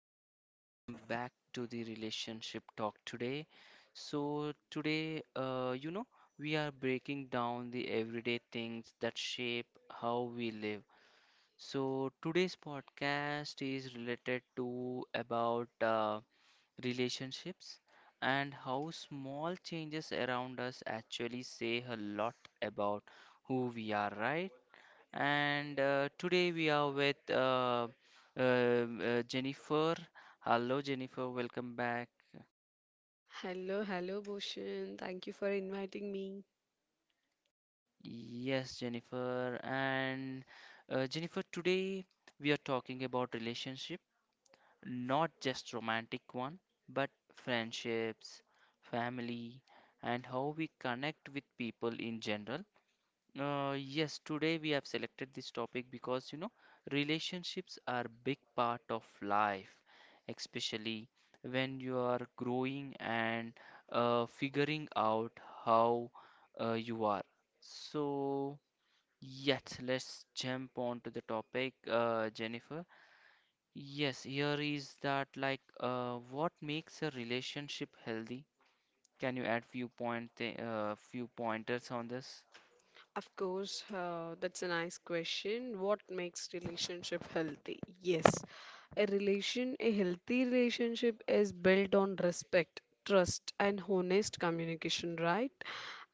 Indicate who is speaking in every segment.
Speaker 1: everyone, welcome back to the relationship talk today. So today, we are breaking down the everyday things that shape how we live. So today's podcast is related to about relationships and how small changes around us actually say a lot about who we are, right? And today we are with Jennifer. Hello, Jennifer, welcome back.
Speaker 2: Hello, hello, Bhushan. Thank you for inviting me.
Speaker 1: Yes, Jennifer. And Jennifer, today we are talking about relationship, not just romantic one, but friendships, family, and how we connect with people in general. Yes, today we have selected this topic because you know relationships are big part of life, especially when you are growing and figuring out how you are. So, yes, let's jump on to the topic, Jennifer. Yes, here is that what makes a relationship healthy? Can you add few point, th few pointers on this?
Speaker 2: Of course, that's a nice question. What makes relationship healthy? Yes, a healthy relationship is built on respect, trust, and honest communication, right?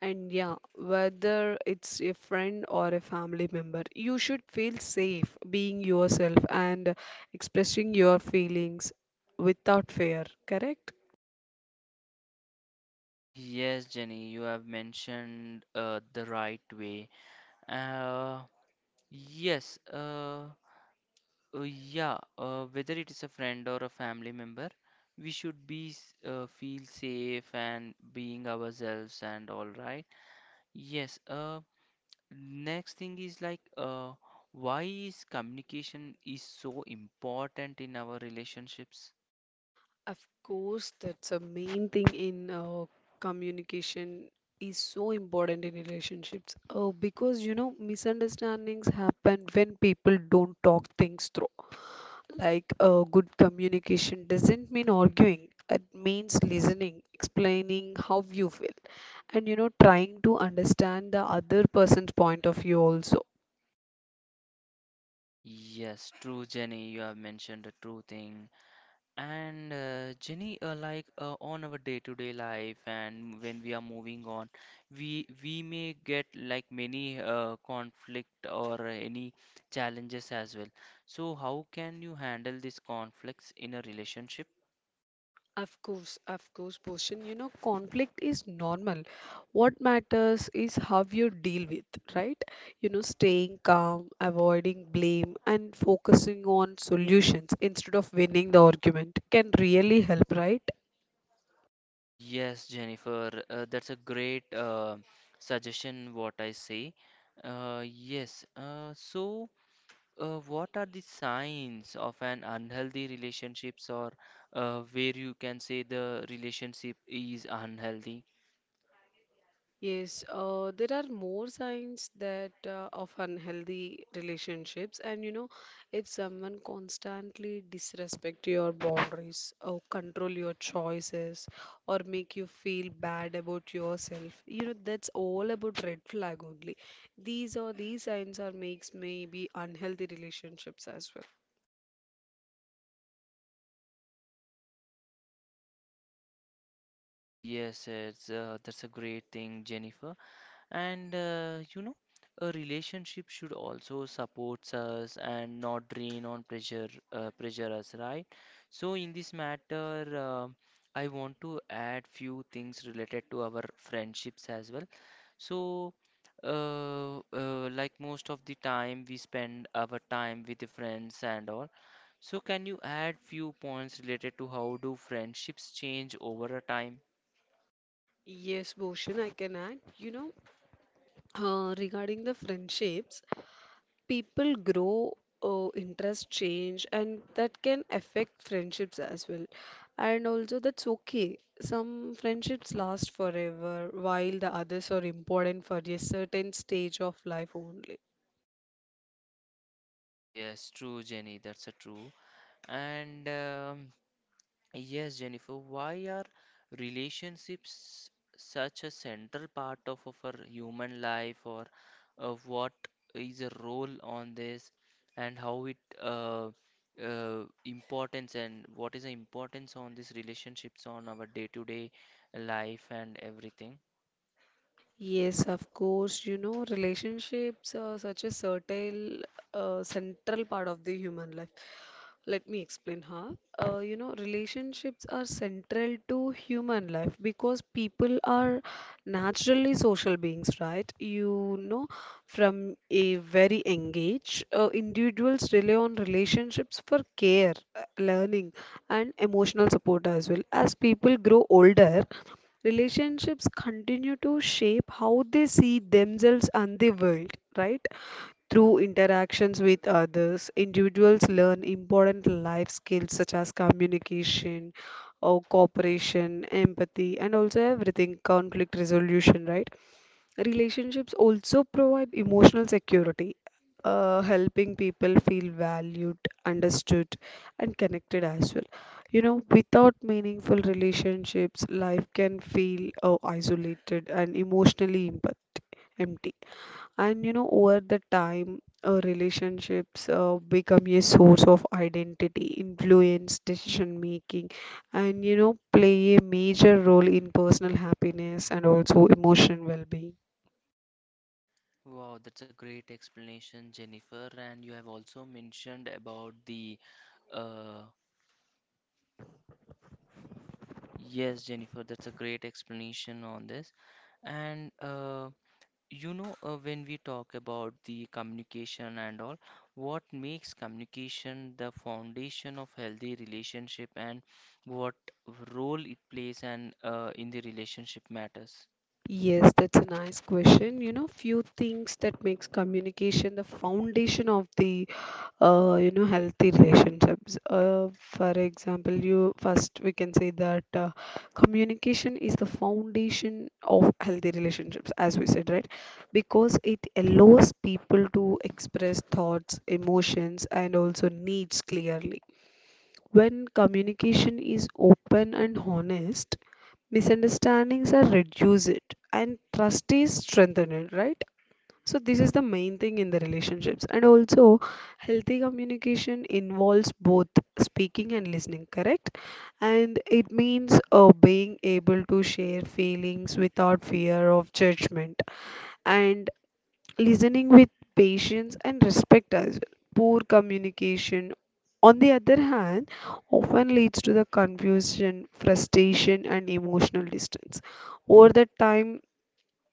Speaker 2: And yeah, whether it's a friend or a family member, you should feel safe being yourself and expressing your feelings without fear, correct?
Speaker 1: Yes, Jenny, you have mentioned the right way. Uh, yes, uh, yeah, whether it is a friend or a family member, we should be feel safe and being ourselves and all right. Yes, next thing is why is communication is so important in our relationships?
Speaker 2: Of course, that's a main thing in communication is so important in relationships. Because you know, misunderstandings happen when people don't talk things through. Good communication doesn't mean arguing. It means listening, explaining how you feel, and you know, trying to understand the other person's point of view also.
Speaker 1: Yes, true, Jenny, you have mentioned a true thing. And Jenny, on our day-to-day life, and when we are moving on, we may get like many conflict or any challenges as well. So how can you handle these conflicts in a relationship?
Speaker 2: Of course, Bhushan. You know, conflict is normal. What matters is how you deal with, right? You know, staying calm, avoiding blame, and focusing on solutions instead of winning the argument can really help, right?
Speaker 1: Yes, Jennifer, that's a great suggestion. What I say, yes. What are the signs of an unhealthy relationships or where you can say the relationship is unhealthy?
Speaker 2: Yes, there are more signs that of unhealthy relationships, and you know, if someone constantly disrespect your boundaries or control your choices or make you feel bad about yourself, you know, that's all about red flag only. These signs are makes maybe unhealthy relationships as well.
Speaker 1: That's a great thing, Jennifer. And you know, a relationship should also support us and not drain on pressure pressure us, right? So in this matter, I want to add few things related to our friendships as well. So, like most of the time, we spend our time with the friends and all. So, can you add few points related to how do friendships change over a time?
Speaker 2: Yes, Bhushan, I can add. You know, regarding the friendships, people grow interest change and that can affect friendships as well, and also that's okay. Some friendships last forever while the others are important for a certain stage of life only.
Speaker 1: Yes, true, Jenny. That's a true. And yes, Jennifer, why are relationships such a central part of our human life, or what is the role on this, and how it uh, importance and what is the importance on these relationships on our day-to-day life and everything?
Speaker 2: Yes, of course. You know, relationships are such a certain central part of the human life. Let me explain how. You know, relationships are central to human life because people are naturally social beings, right? You know, from a very young age, individuals rely on relationships for care, learning, and emotional support as well. As people grow older, relationships continue to shape how they see themselves and the world, right? Through interactions with others, individuals learn important life skills such as communication, or cooperation, empathy, and also everything conflict resolution, right? Relationships also provide emotional security, helping people feel valued, understood, and connected as well. You know, without meaningful relationships, life can feel isolated and emotionally empty. And you know, over the time, relationships become a source of identity, influence, decision making, and you know, play a major role in personal happiness and also emotional well-being.
Speaker 1: Wow, that's a great explanation, Jennifer. And you have also mentioned about the uh, yes, Jennifer, that's a great explanation on this. And you know, when we talk about the communication and all, what makes communication the foundation of healthy relationship and what role it plays and in the relationship matters.
Speaker 2: Yes, that's a nice question. You know, few things that makes communication the foundation of the you know healthy relationships. For example, you first we can say that communication is the foundation of healthy relationships, as we said, right? Because it allows people to express thoughts, emotions, and also needs clearly. When communication is open and honest, misunderstandings are reduced and trust is strengthened, right? So this is the main thing in the relationships. And also healthy communication involves both speaking and listening, correct. And it means being able to share feelings without fear of judgment and listening with patience and respect as well. Poor communication, on the other hand, often leads to the confusion, frustration, and emotional distance. Over the time,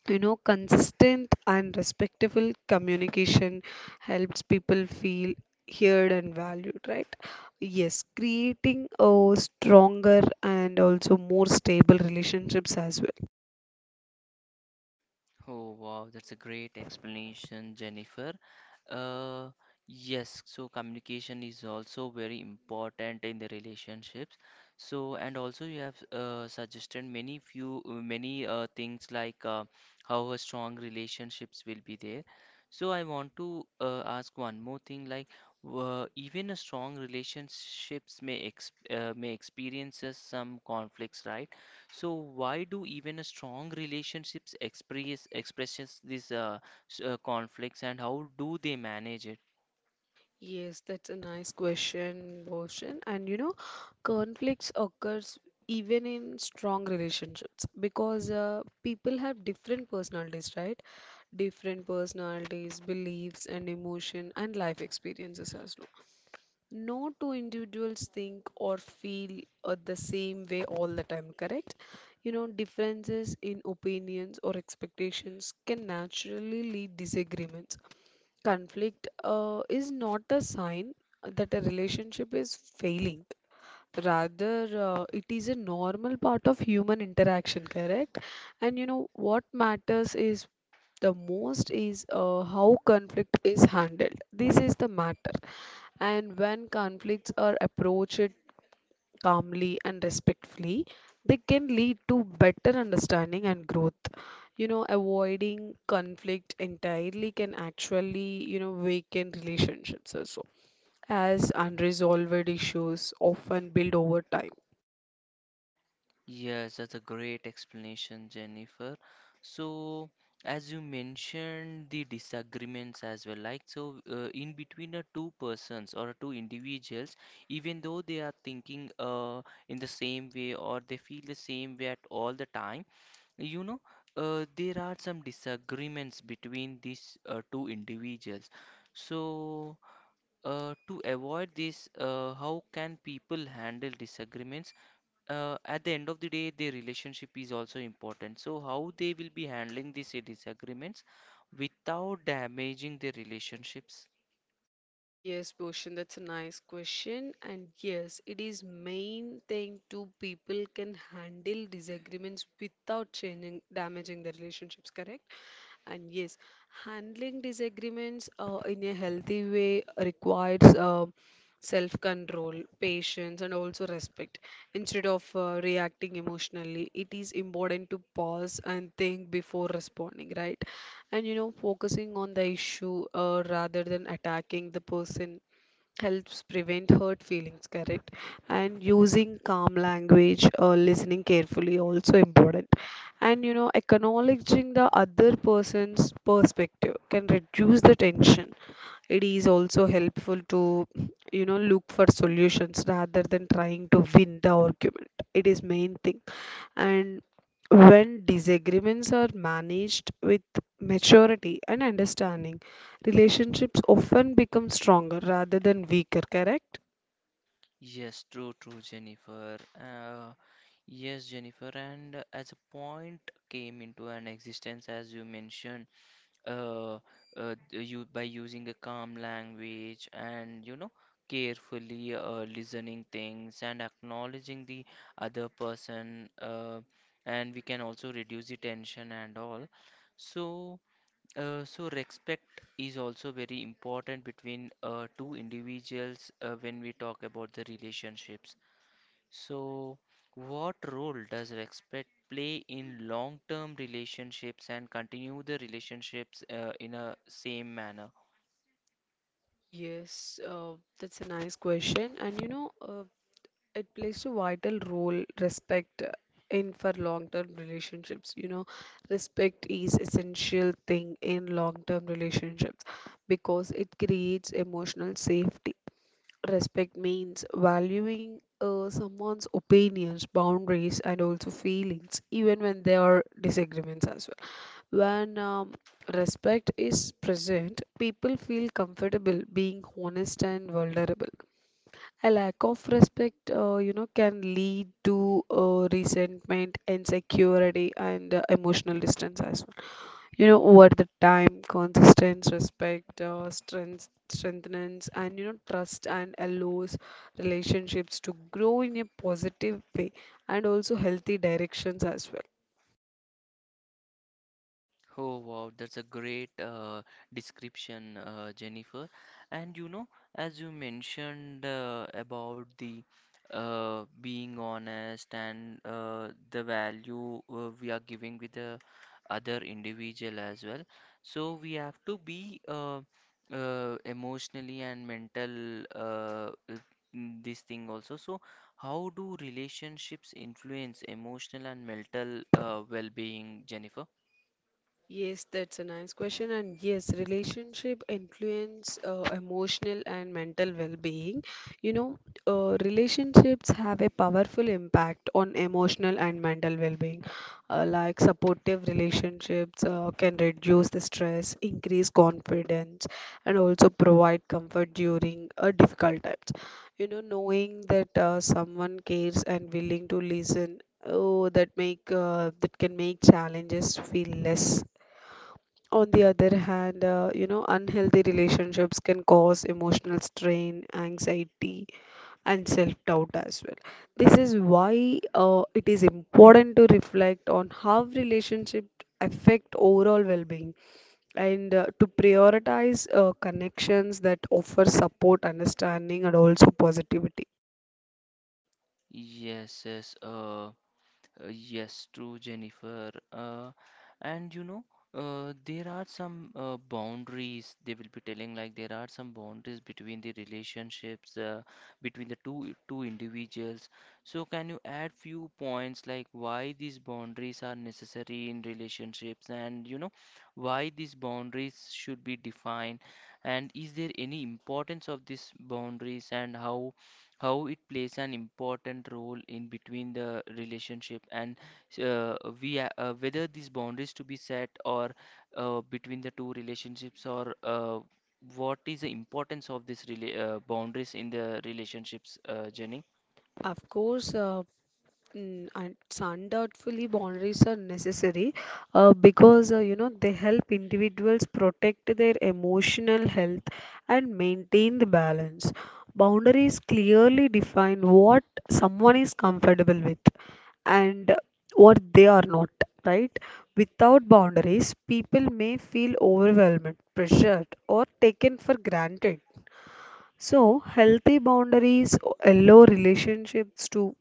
Speaker 2: you know, consistent and respectful communication helps people feel heard and valued, right? Yes, creating a stronger and also more stable relationships as well.
Speaker 1: Oh, wow, that's a great explanation, Jennifer. Uh, yes, so communication is also very important in the relationships. So, and also you have suggested many things how a strong relationships will be there. So, I want to ask one more thing, like even a strong relationships may experiences some conflicts, right? So why do even a strong relationships expresses these conflicts and how do they manage it?
Speaker 2: Yes, that's a nice question, Bhushan. And you know, conflicts occurs even in strong relationships because people have different personalities, right? Different personalities, beliefs, and emotion and life experiences as well. No two individuals think or feel the same way all the time, correct? You know, differences in opinions or expectations can naturally lead disagreements. Conflict is not a sign that a relationship is failing. Rather, it is a normal part of human interaction, correct? And you know what matters is the most is how conflict is handled. This is the matter. And when conflicts are approached calmly and respectfully, they can lead to better understanding and growth. You know, avoiding conflict entirely can actually, you know, weaken relationships also, as unresolved issues often build over time.
Speaker 1: Yes, that's a great explanation, Jennifer. So, as you mentioned, the disagreements as well, like so, in between two persons or two individuals, even though they are thinking in the same way or they feel the same way at all the time. You know, there are some disagreements between these two individuals. So, to avoid this, how can people handle disagreements? At the end of the day, their relationship is also important. So, how they will be handling these disagreements without damaging their relationships?
Speaker 2: Yes, Bhushan, that's a nice question. And yes, it is main thing two people can handle disagreements without damaging the relationships, correct? And yes, handling disagreements in a healthy way requires self control, patience, and also respect. Instead of reacting emotionally, it is important to pause and think before responding, right? And you know, focusing on the issue rather than attacking the person helps prevent hurt feelings, correct. And using calm language or listening carefully also important. And you know, acknowledging the other person's perspective can reduce the tension. It is also helpful to, you know, look for solutions rather than trying to win the argument. It is main thing. And when disagreements are managed with maturity and understanding, relationships often become stronger rather than weaker, correct.
Speaker 1: Yes, true, true, Jennifer. Yes, Jennifer. And as a point came into an existence, as you mentioned. uh, you by using a calm language and you know carefully listening things and acknowledging the other person, and we can also reduce the tension and all. So so respect is also very important between two individuals when we talk about the relationships. So, what role does respect play in long-term relationships and continue the relationships in a same manner?
Speaker 2: Yes, that's a nice question. And you know, it plays a vital role respect in for long-term relationships. You know, respect is essential thing in long-term relationships because it creates emotional safety. Respect means valuing someone's opinions, boundaries, and also feelings, even when there are disagreements as well. When respect is present, people feel comfortable being honest and vulnerable. A lack of respect, you know, can lead to resentment, insecurity, and emotional distance as well. You know, over the time, consistent respect, strengthens, and you know, trust and allows relationships to grow in a positive way and also healthy directions as well.
Speaker 1: Oh wow, that's a great description, Jennifer. And you know, as you mentioned about the being honest and the value we are giving with the other individual as well. So we have to be emotionally and mental this thing also. So how do relationships influence emotional and mental well-being, Jennifer?
Speaker 2: Yes, that's a nice question. And yes, relationship influence emotional and mental well-being. You know, relationships have a powerful impact on emotional and mental well-being. Like supportive relationships can reduce the stress, increase confidence, and also provide comfort during difficult times. You know, knowing that someone cares and willing to listen. Oh, that can make challenges feel less. On the other hand, you know, unhealthy relationships can cause emotional strain, anxiety, and self-doubt as well. This is why it is important to reflect on how relationships affect overall well-being and to prioritize connections that offer support, understanding, and also positivity.
Speaker 1: Yes, yes, uh, uh, yes, true, Jennifer. And you know, there are some boundaries they will be telling, like there are some boundaries between the relationships between the two individuals. So, can you add few points like why these boundaries are necessary in relationships, and you know, why these boundaries should be defined, and is there any importance of these boundaries, and how? How it plays an important role in between the relationship and uh, we whether these boundaries to be set or between the two relationships or what is the importance of these boundaries in the relationships, Jenny?
Speaker 2: Of course, and it's undoubtedly boundaries are necessary because you know they help individuals protect their emotional health and maintain the balance. Boundaries clearly define what someone is comfortable with and what they are not, right? Without boundaries, people may feel overwhelmed, pressured, or taken for granted. So, healthy boundaries allow relationships to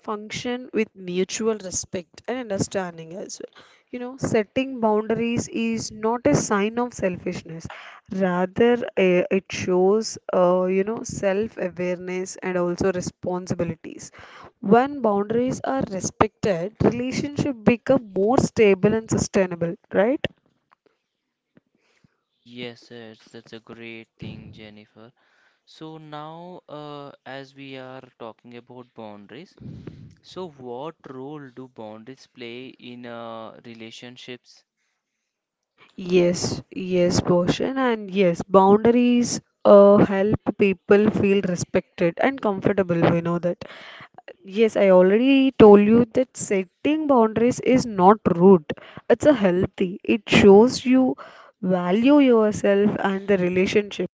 Speaker 2: function with mutual respect and understanding as well. You know, setting boundaries is not a sign of selfishness, rather, it shows, you know, self awareness and also responsibilities. When boundaries are respected, relationship become more stable and sustainable, right?
Speaker 1: Yes, yes, that's a great thing, Jennifer. So now, as we are talking about boundaries, so what role do boundaries play in relationships?
Speaker 2: Yes, yes, Bhushan, and yes, boundaries help people feel respected and comfortable. We know that. Yes, I already told you that setting boundaries is not rude. It's a healthy. It shows you value yourself and the relationship.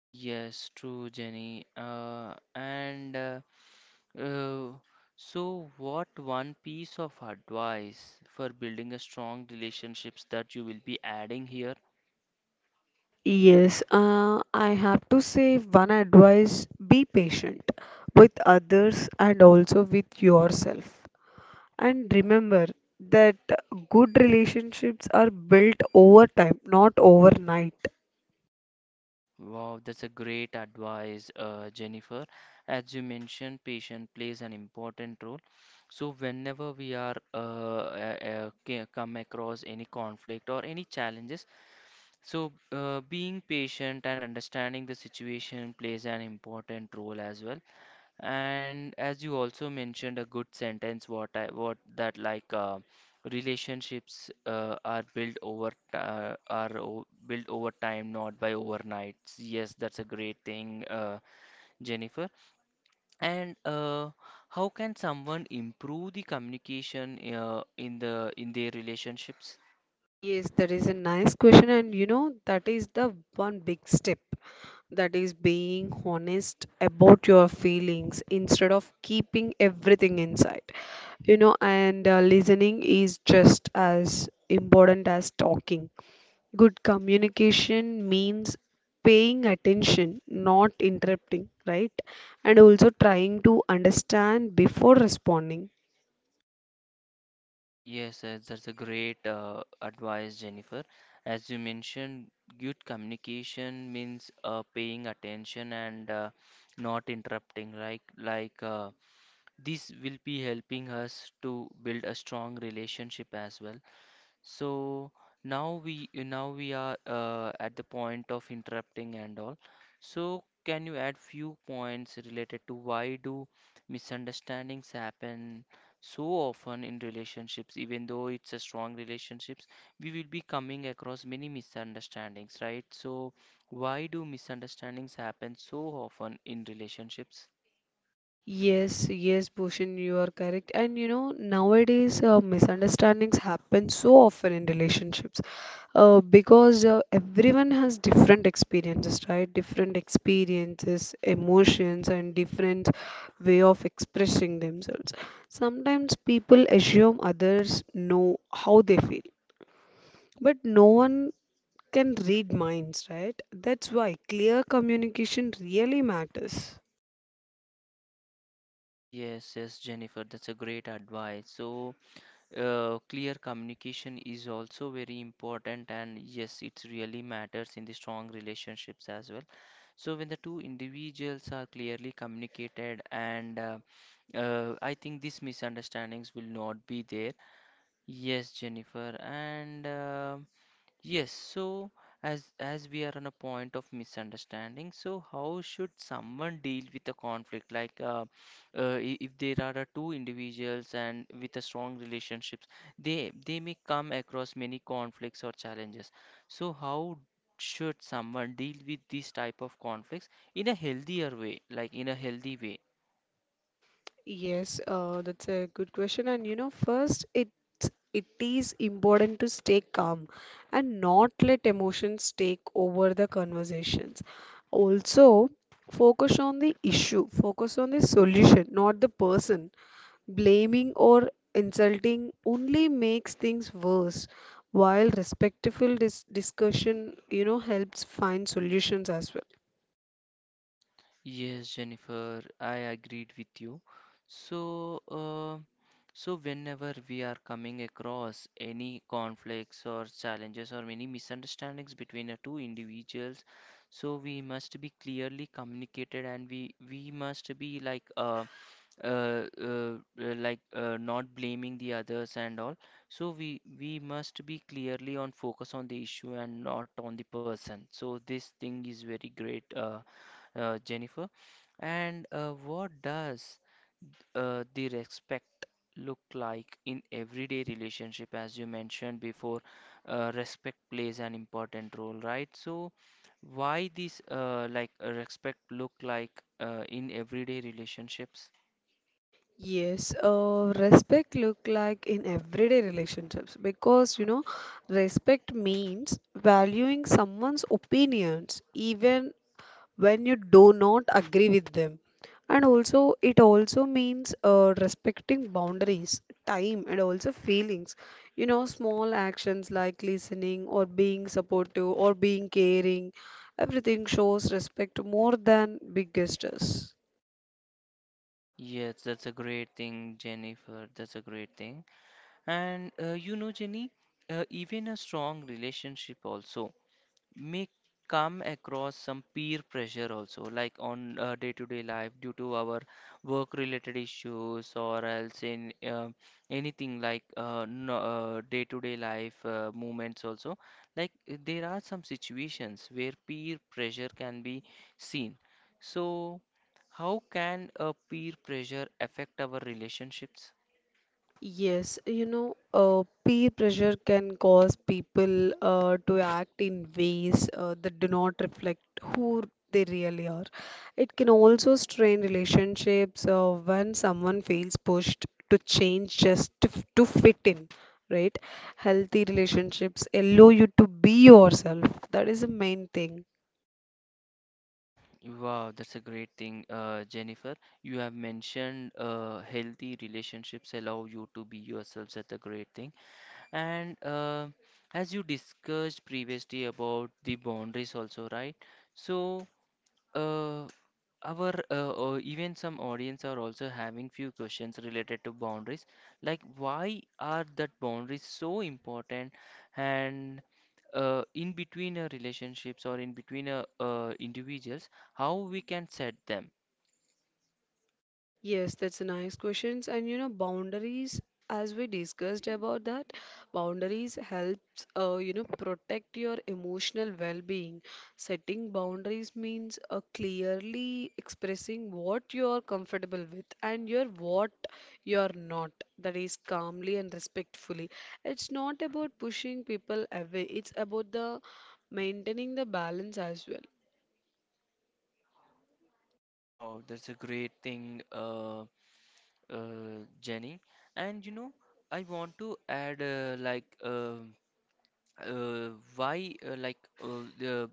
Speaker 1: Yes, true, Jenny. And uh, so, what one piece of advice for building a strong relationships that you will be adding here?
Speaker 2: Yes, I have to say one advice: be patient with others and also with yourself. And remember that good relationships are built over time, not overnight.
Speaker 1: Wow, that's a great advice, Jennifer. As you mentioned, patient plays an important role. So, whenever we are come across any conflict or any challenges, so being patient and understanding the situation plays an important role as well. And as you also mentioned, a good sentence, what I what that relationships are built over t- are o built over time, not by overnights. Yes, that's a great thing, Jennifer. And how can someone improve the communication in the in their relationships?
Speaker 2: Yes, that is a nice question, and you know, that is the one big step. That is being honest about your feelings instead of keeping everything inside. You know, and listening is just as important as talking. Good communication means paying attention, not interrupting, right? And also trying to understand before responding.
Speaker 1: Yes, yes, that's a great advice, Jennifer. As you mentioned, good communication means paying attention and not interrupting, right? This will be helping us to build a strong relationship as well. So now we are at the point of interrupting and all. So can you add few points related to why do misunderstandings happen so often in relationships, even though it's a strong relationships, we will be coming across many misunderstandings, right? So why do misunderstandings happen so often in relationships?
Speaker 2: Yes, yes, Bhushan, you are correct. And you know, nowadays misunderstandings happen so often in relationships because everyone has different experiences, right? Different experiences, emotions, and different way of expressing themselves. Sometimes people assume others know how they feel, but no one can read minds, right? That's why clear communication really matters.
Speaker 1: Yes, yes, Jennifer, that's a great advice. So clear communication is also very important, and yes, it really matters in the strong relationships as well. So, when the two individuals are clearly communicated, and I think these misunderstandings will not be there. Yes, Jennifer, and yes, so as we are on a point of misunderstanding, so how should someone deal with a conflict? If there are two individuals and with a strong relationships, they may come across many conflicts or challenges. So how should someone deal with these type of conflicts in a healthier way, like in a healthy way?
Speaker 2: Yes, that's a good question. And you know, first, it is important to stay calm and not let emotions take over the conversations. Also, focus on the issue, focus on the solution, not the person. Blaming or insulting only makes things worse, while respectful discussion, you know, helps find solutions as well.
Speaker 1: Yes, Jennifer, I agreed with you. So, so whenever we are coming across any conflicts or challenges or many misunderstandings between the two individuals, so we must be clearly communicated and we must be not blaming the others and all. So we must be clearly on focus on the issue and not on the person. So this thing is very great. Jennifer. And what does the respect look like in everyday relationship? As you mentioned before, respect plays an important role, right? So why this respect look like in everyday relationships?
Speaker 2: Yes, respect look like in everyday relationships because you know, respect means valuing someone's opinions even when you do not agree with them. And also, it also means respecting boundaries, time, and also feelings. You know, small actions like listening or being supportive or being caring, everything shows respect more than big gestures.
Speaker 1: Yes, that's a great thing, Jennifer. That's a great thing. And you know, Jenny, even a strong relationship also may come across some peer pressure also like on day-to-day life due to our work-related issues or else in anything like no, day-to-day life movements also there are some situations where peer pressure can be seen. So how can a peer pressure affect our relationships?
Speaker 2: Yes, you know, peer pressure can cause people to act in ways that do not reflect who they really are. It can also strain relationships when someone feels pushed to change just to, to fit in, right? Healthy relationships allow you to be yourself. That is the main thing.
Speaker 1: Wow, that's a great thing, Jennifer. You have mentioned healthy relationships allow you to be yourselves. That's a great thing. And as you discussed previously about the boundaries also, right? So uh, our or even some audience are also having few questions related to boundaries, like why are that boundaries so important and in between relationships or in between individuals, how we can set them.
Speaker 2: Yes, that's a nice questions. And you know, boundaries, as we discussed about that, boundaries helps you know protect your emotional well-being. Setting boundaries means clearly expressing what you're comfortable with and your what you're not. That is calmly and respectfully. It's not about pushing people away. It's about the maintaining the balance as well.
Speaker 1: Wow, that's a great thing, Jenny. And you know, I want to add uh, why uh, the,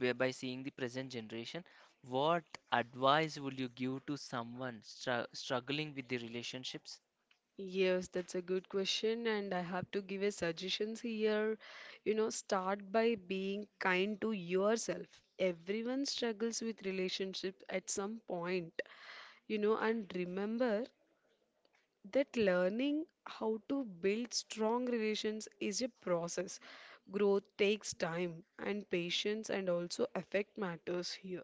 Speaker 1: by seeing the present generation what advice would you give to someone struggling with the relationships?
Speaker 2: Yes, that's a good question, and I have to give a suggestions here. You know, start by being kind to yourself. Everyone struggles with relationships at some point, you know, and remember that learning how to build strong relations is a process. Growth takes time and patience and also affect matters here.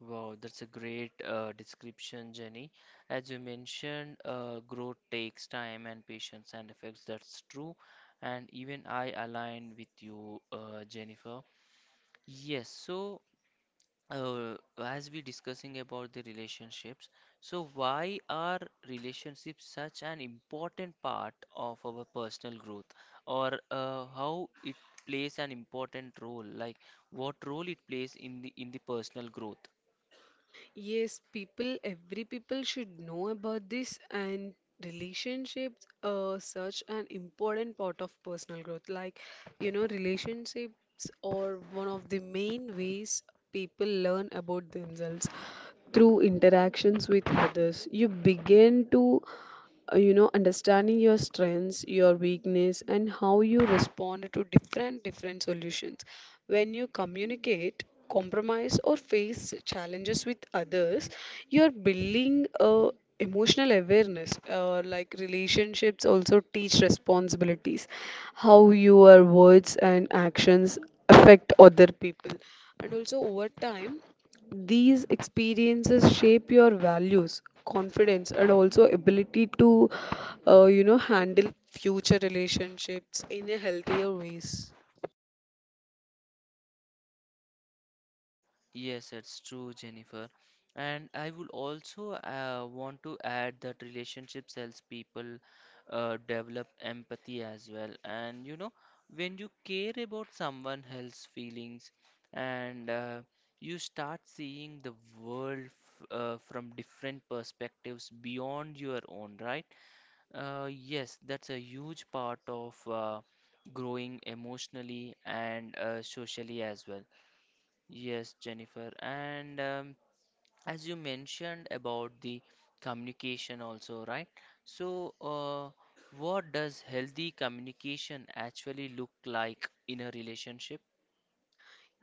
Speaker 1: Wow, that's a great description, Jenny. As you mentioned, growth takes time and patience and effects, that's true. And even I align with you, Jennifer. Yes, so uh, as we discussing about the relationships, so why are relationships such an important part of our personal growth, or how it plays an important role like what role it plays in the personal growth?
Speaker 2: Yes, people, every people should know about this and relationships are such an important part of personal growth. Like, you know, relationships are one of the main ways people learn about themselves through interactions with others. You begin to, you know, understanding your strengths, your weakness, and how you respond to different solutions. When you communicate, compromise, or face challenges with others, you're building a emotional awareness. Like relationships also teach responsibilities, how your words and actions affect other people. And also over time these experiences shape your values, confidence, and also ability to, you know, handle future relationships in a healthier ways.
Speaker 1: Yes, it's true, Jennifer. And I would also want to add that relationships helps people develop empathy as well. And you know, when you care about someone else's feelings and you start seeing the world f from different perspectives beyond your own, right? Yes, that's a huge part of growing emotionally and socially as well. Yes, Jennifer. And as you mentioned about the communication also, right? So, what does healthy communication actually look like in a relationship?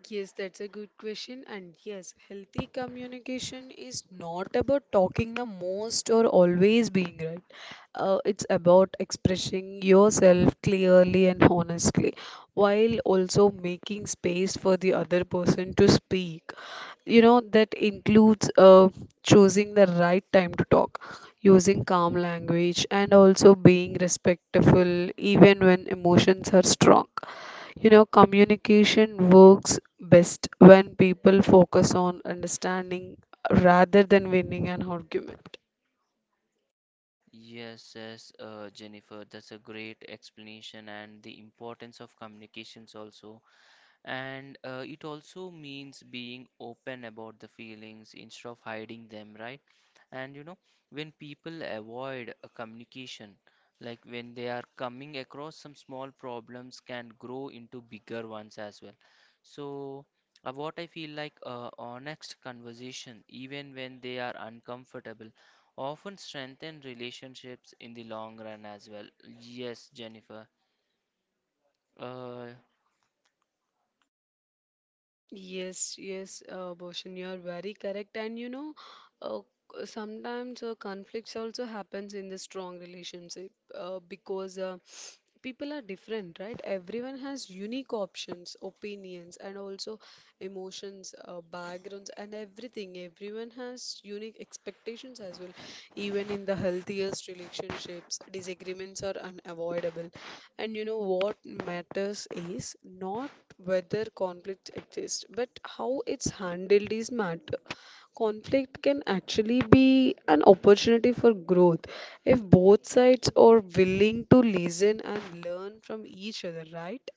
Speaker 2: Yes, that's a good question. And yes, healthy communication is not about talking the most or always being right. It's about expressing yourself clearly and honestly, while also making space for the other person to speak. You know, that includes choosing the right time to talk, using calm language, and also being respectful even when emotions are strong. You know, communication works best when people focus on understanding rather than winning an argument.
Speaker 1: Yes, yes, Jennifer, that's a great explanation and the importance of communications also. And it also means being open about the feelings instead of hiding them, right? And you know, when people avoid a communication, like when they are coming across some small problems, can grow into bigger ones as well. So, what I feel like honest conversation, even when they are uncomfortable, often strengthen relationships in the long run as well. Yes, Jennifer. Uh,
Speaker 2: Yes, yes, Bhushan, you are very correct. And you know, uh, sometimes conflicts also happens in the strong relationship because people are different, right? Everyone has unique options, opinions, and also emotions, backgrounds, and everything. Everyone has unique expectations as well. Even in the healthiest relationships, disagreements are unavoidable. And you know what matters is not whether conflict exists, but how it's handled is matter. Conflict can actually be an opportunity for growth if both sides are willing to listen and learn from each other, right?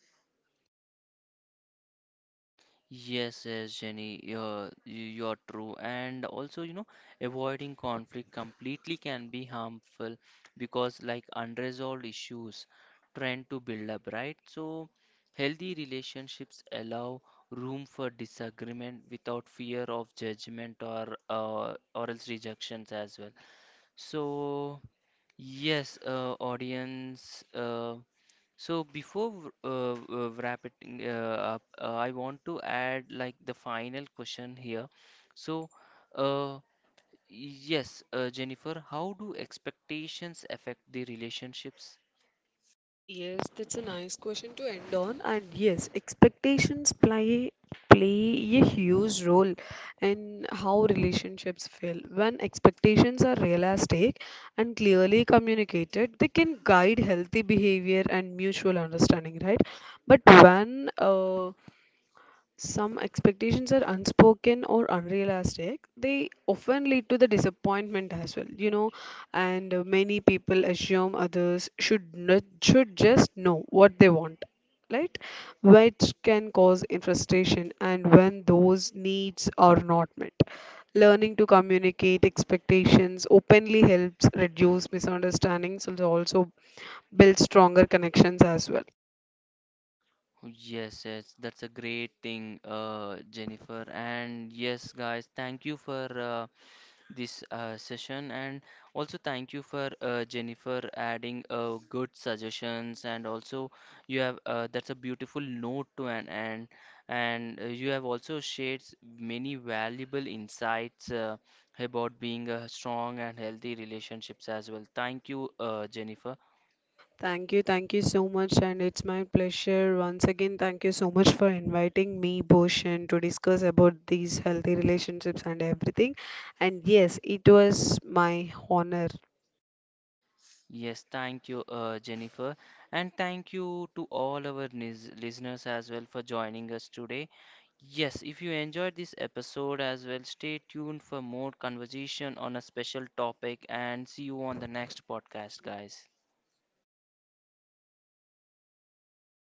Speaker 1: Yes, yes, Jenny, you're true. And also, you know, avoiding conflict completely can be harmful because, like, unresolved issues tend to build up, right? So, healthy relationships allow room for disagreement without fear of judgment or else rejections as well. So, yes, audience. So before wrap up, I want to add like the final question here. So, uh, yes, Jennifer, how do expectations affect the relationships?
Speaker 2: Yes, that's a nice question to end on. And yes, expectations play play a huge role in how relationships feel. When expectations are realistic and clearly communicated, they can guide healthy behavior and mutual understanding, right? But when some expectations are unspoken or unrealistic, they often lead to the disappointment as well, you know. And many people assume others should not, should just know what they want, right? Which can cause in frustration, and when those needs are not met, learning to communicate expectations openly helps reduce misunderstandings and also build stronger connections as well.
Speaker 1: Yes, yes, that's a great thing, Jennifer. And yes, guys, thank you for this session and also thank you for Jennifer adding good suggestions. And also you have that's a beautiful note to an end, and you have also shared many valuable insights about being a strong and healthy relationships as well. Thank you, Jennifer.
Speaker 2: Thank you so much, and it's my pleasure. Once again, thank you so much for inviting me, Bhushan, to discuss about these healthy relationships and everything. And yes, it was my honor.
Speaker 1: Yes, thank you, Jennifer, and thank you to all our listeners as well for joining us today. Yes, if you enjoyed this episode as well, stay tuned for more conversation on a special topic and see you on the next podcast, guys.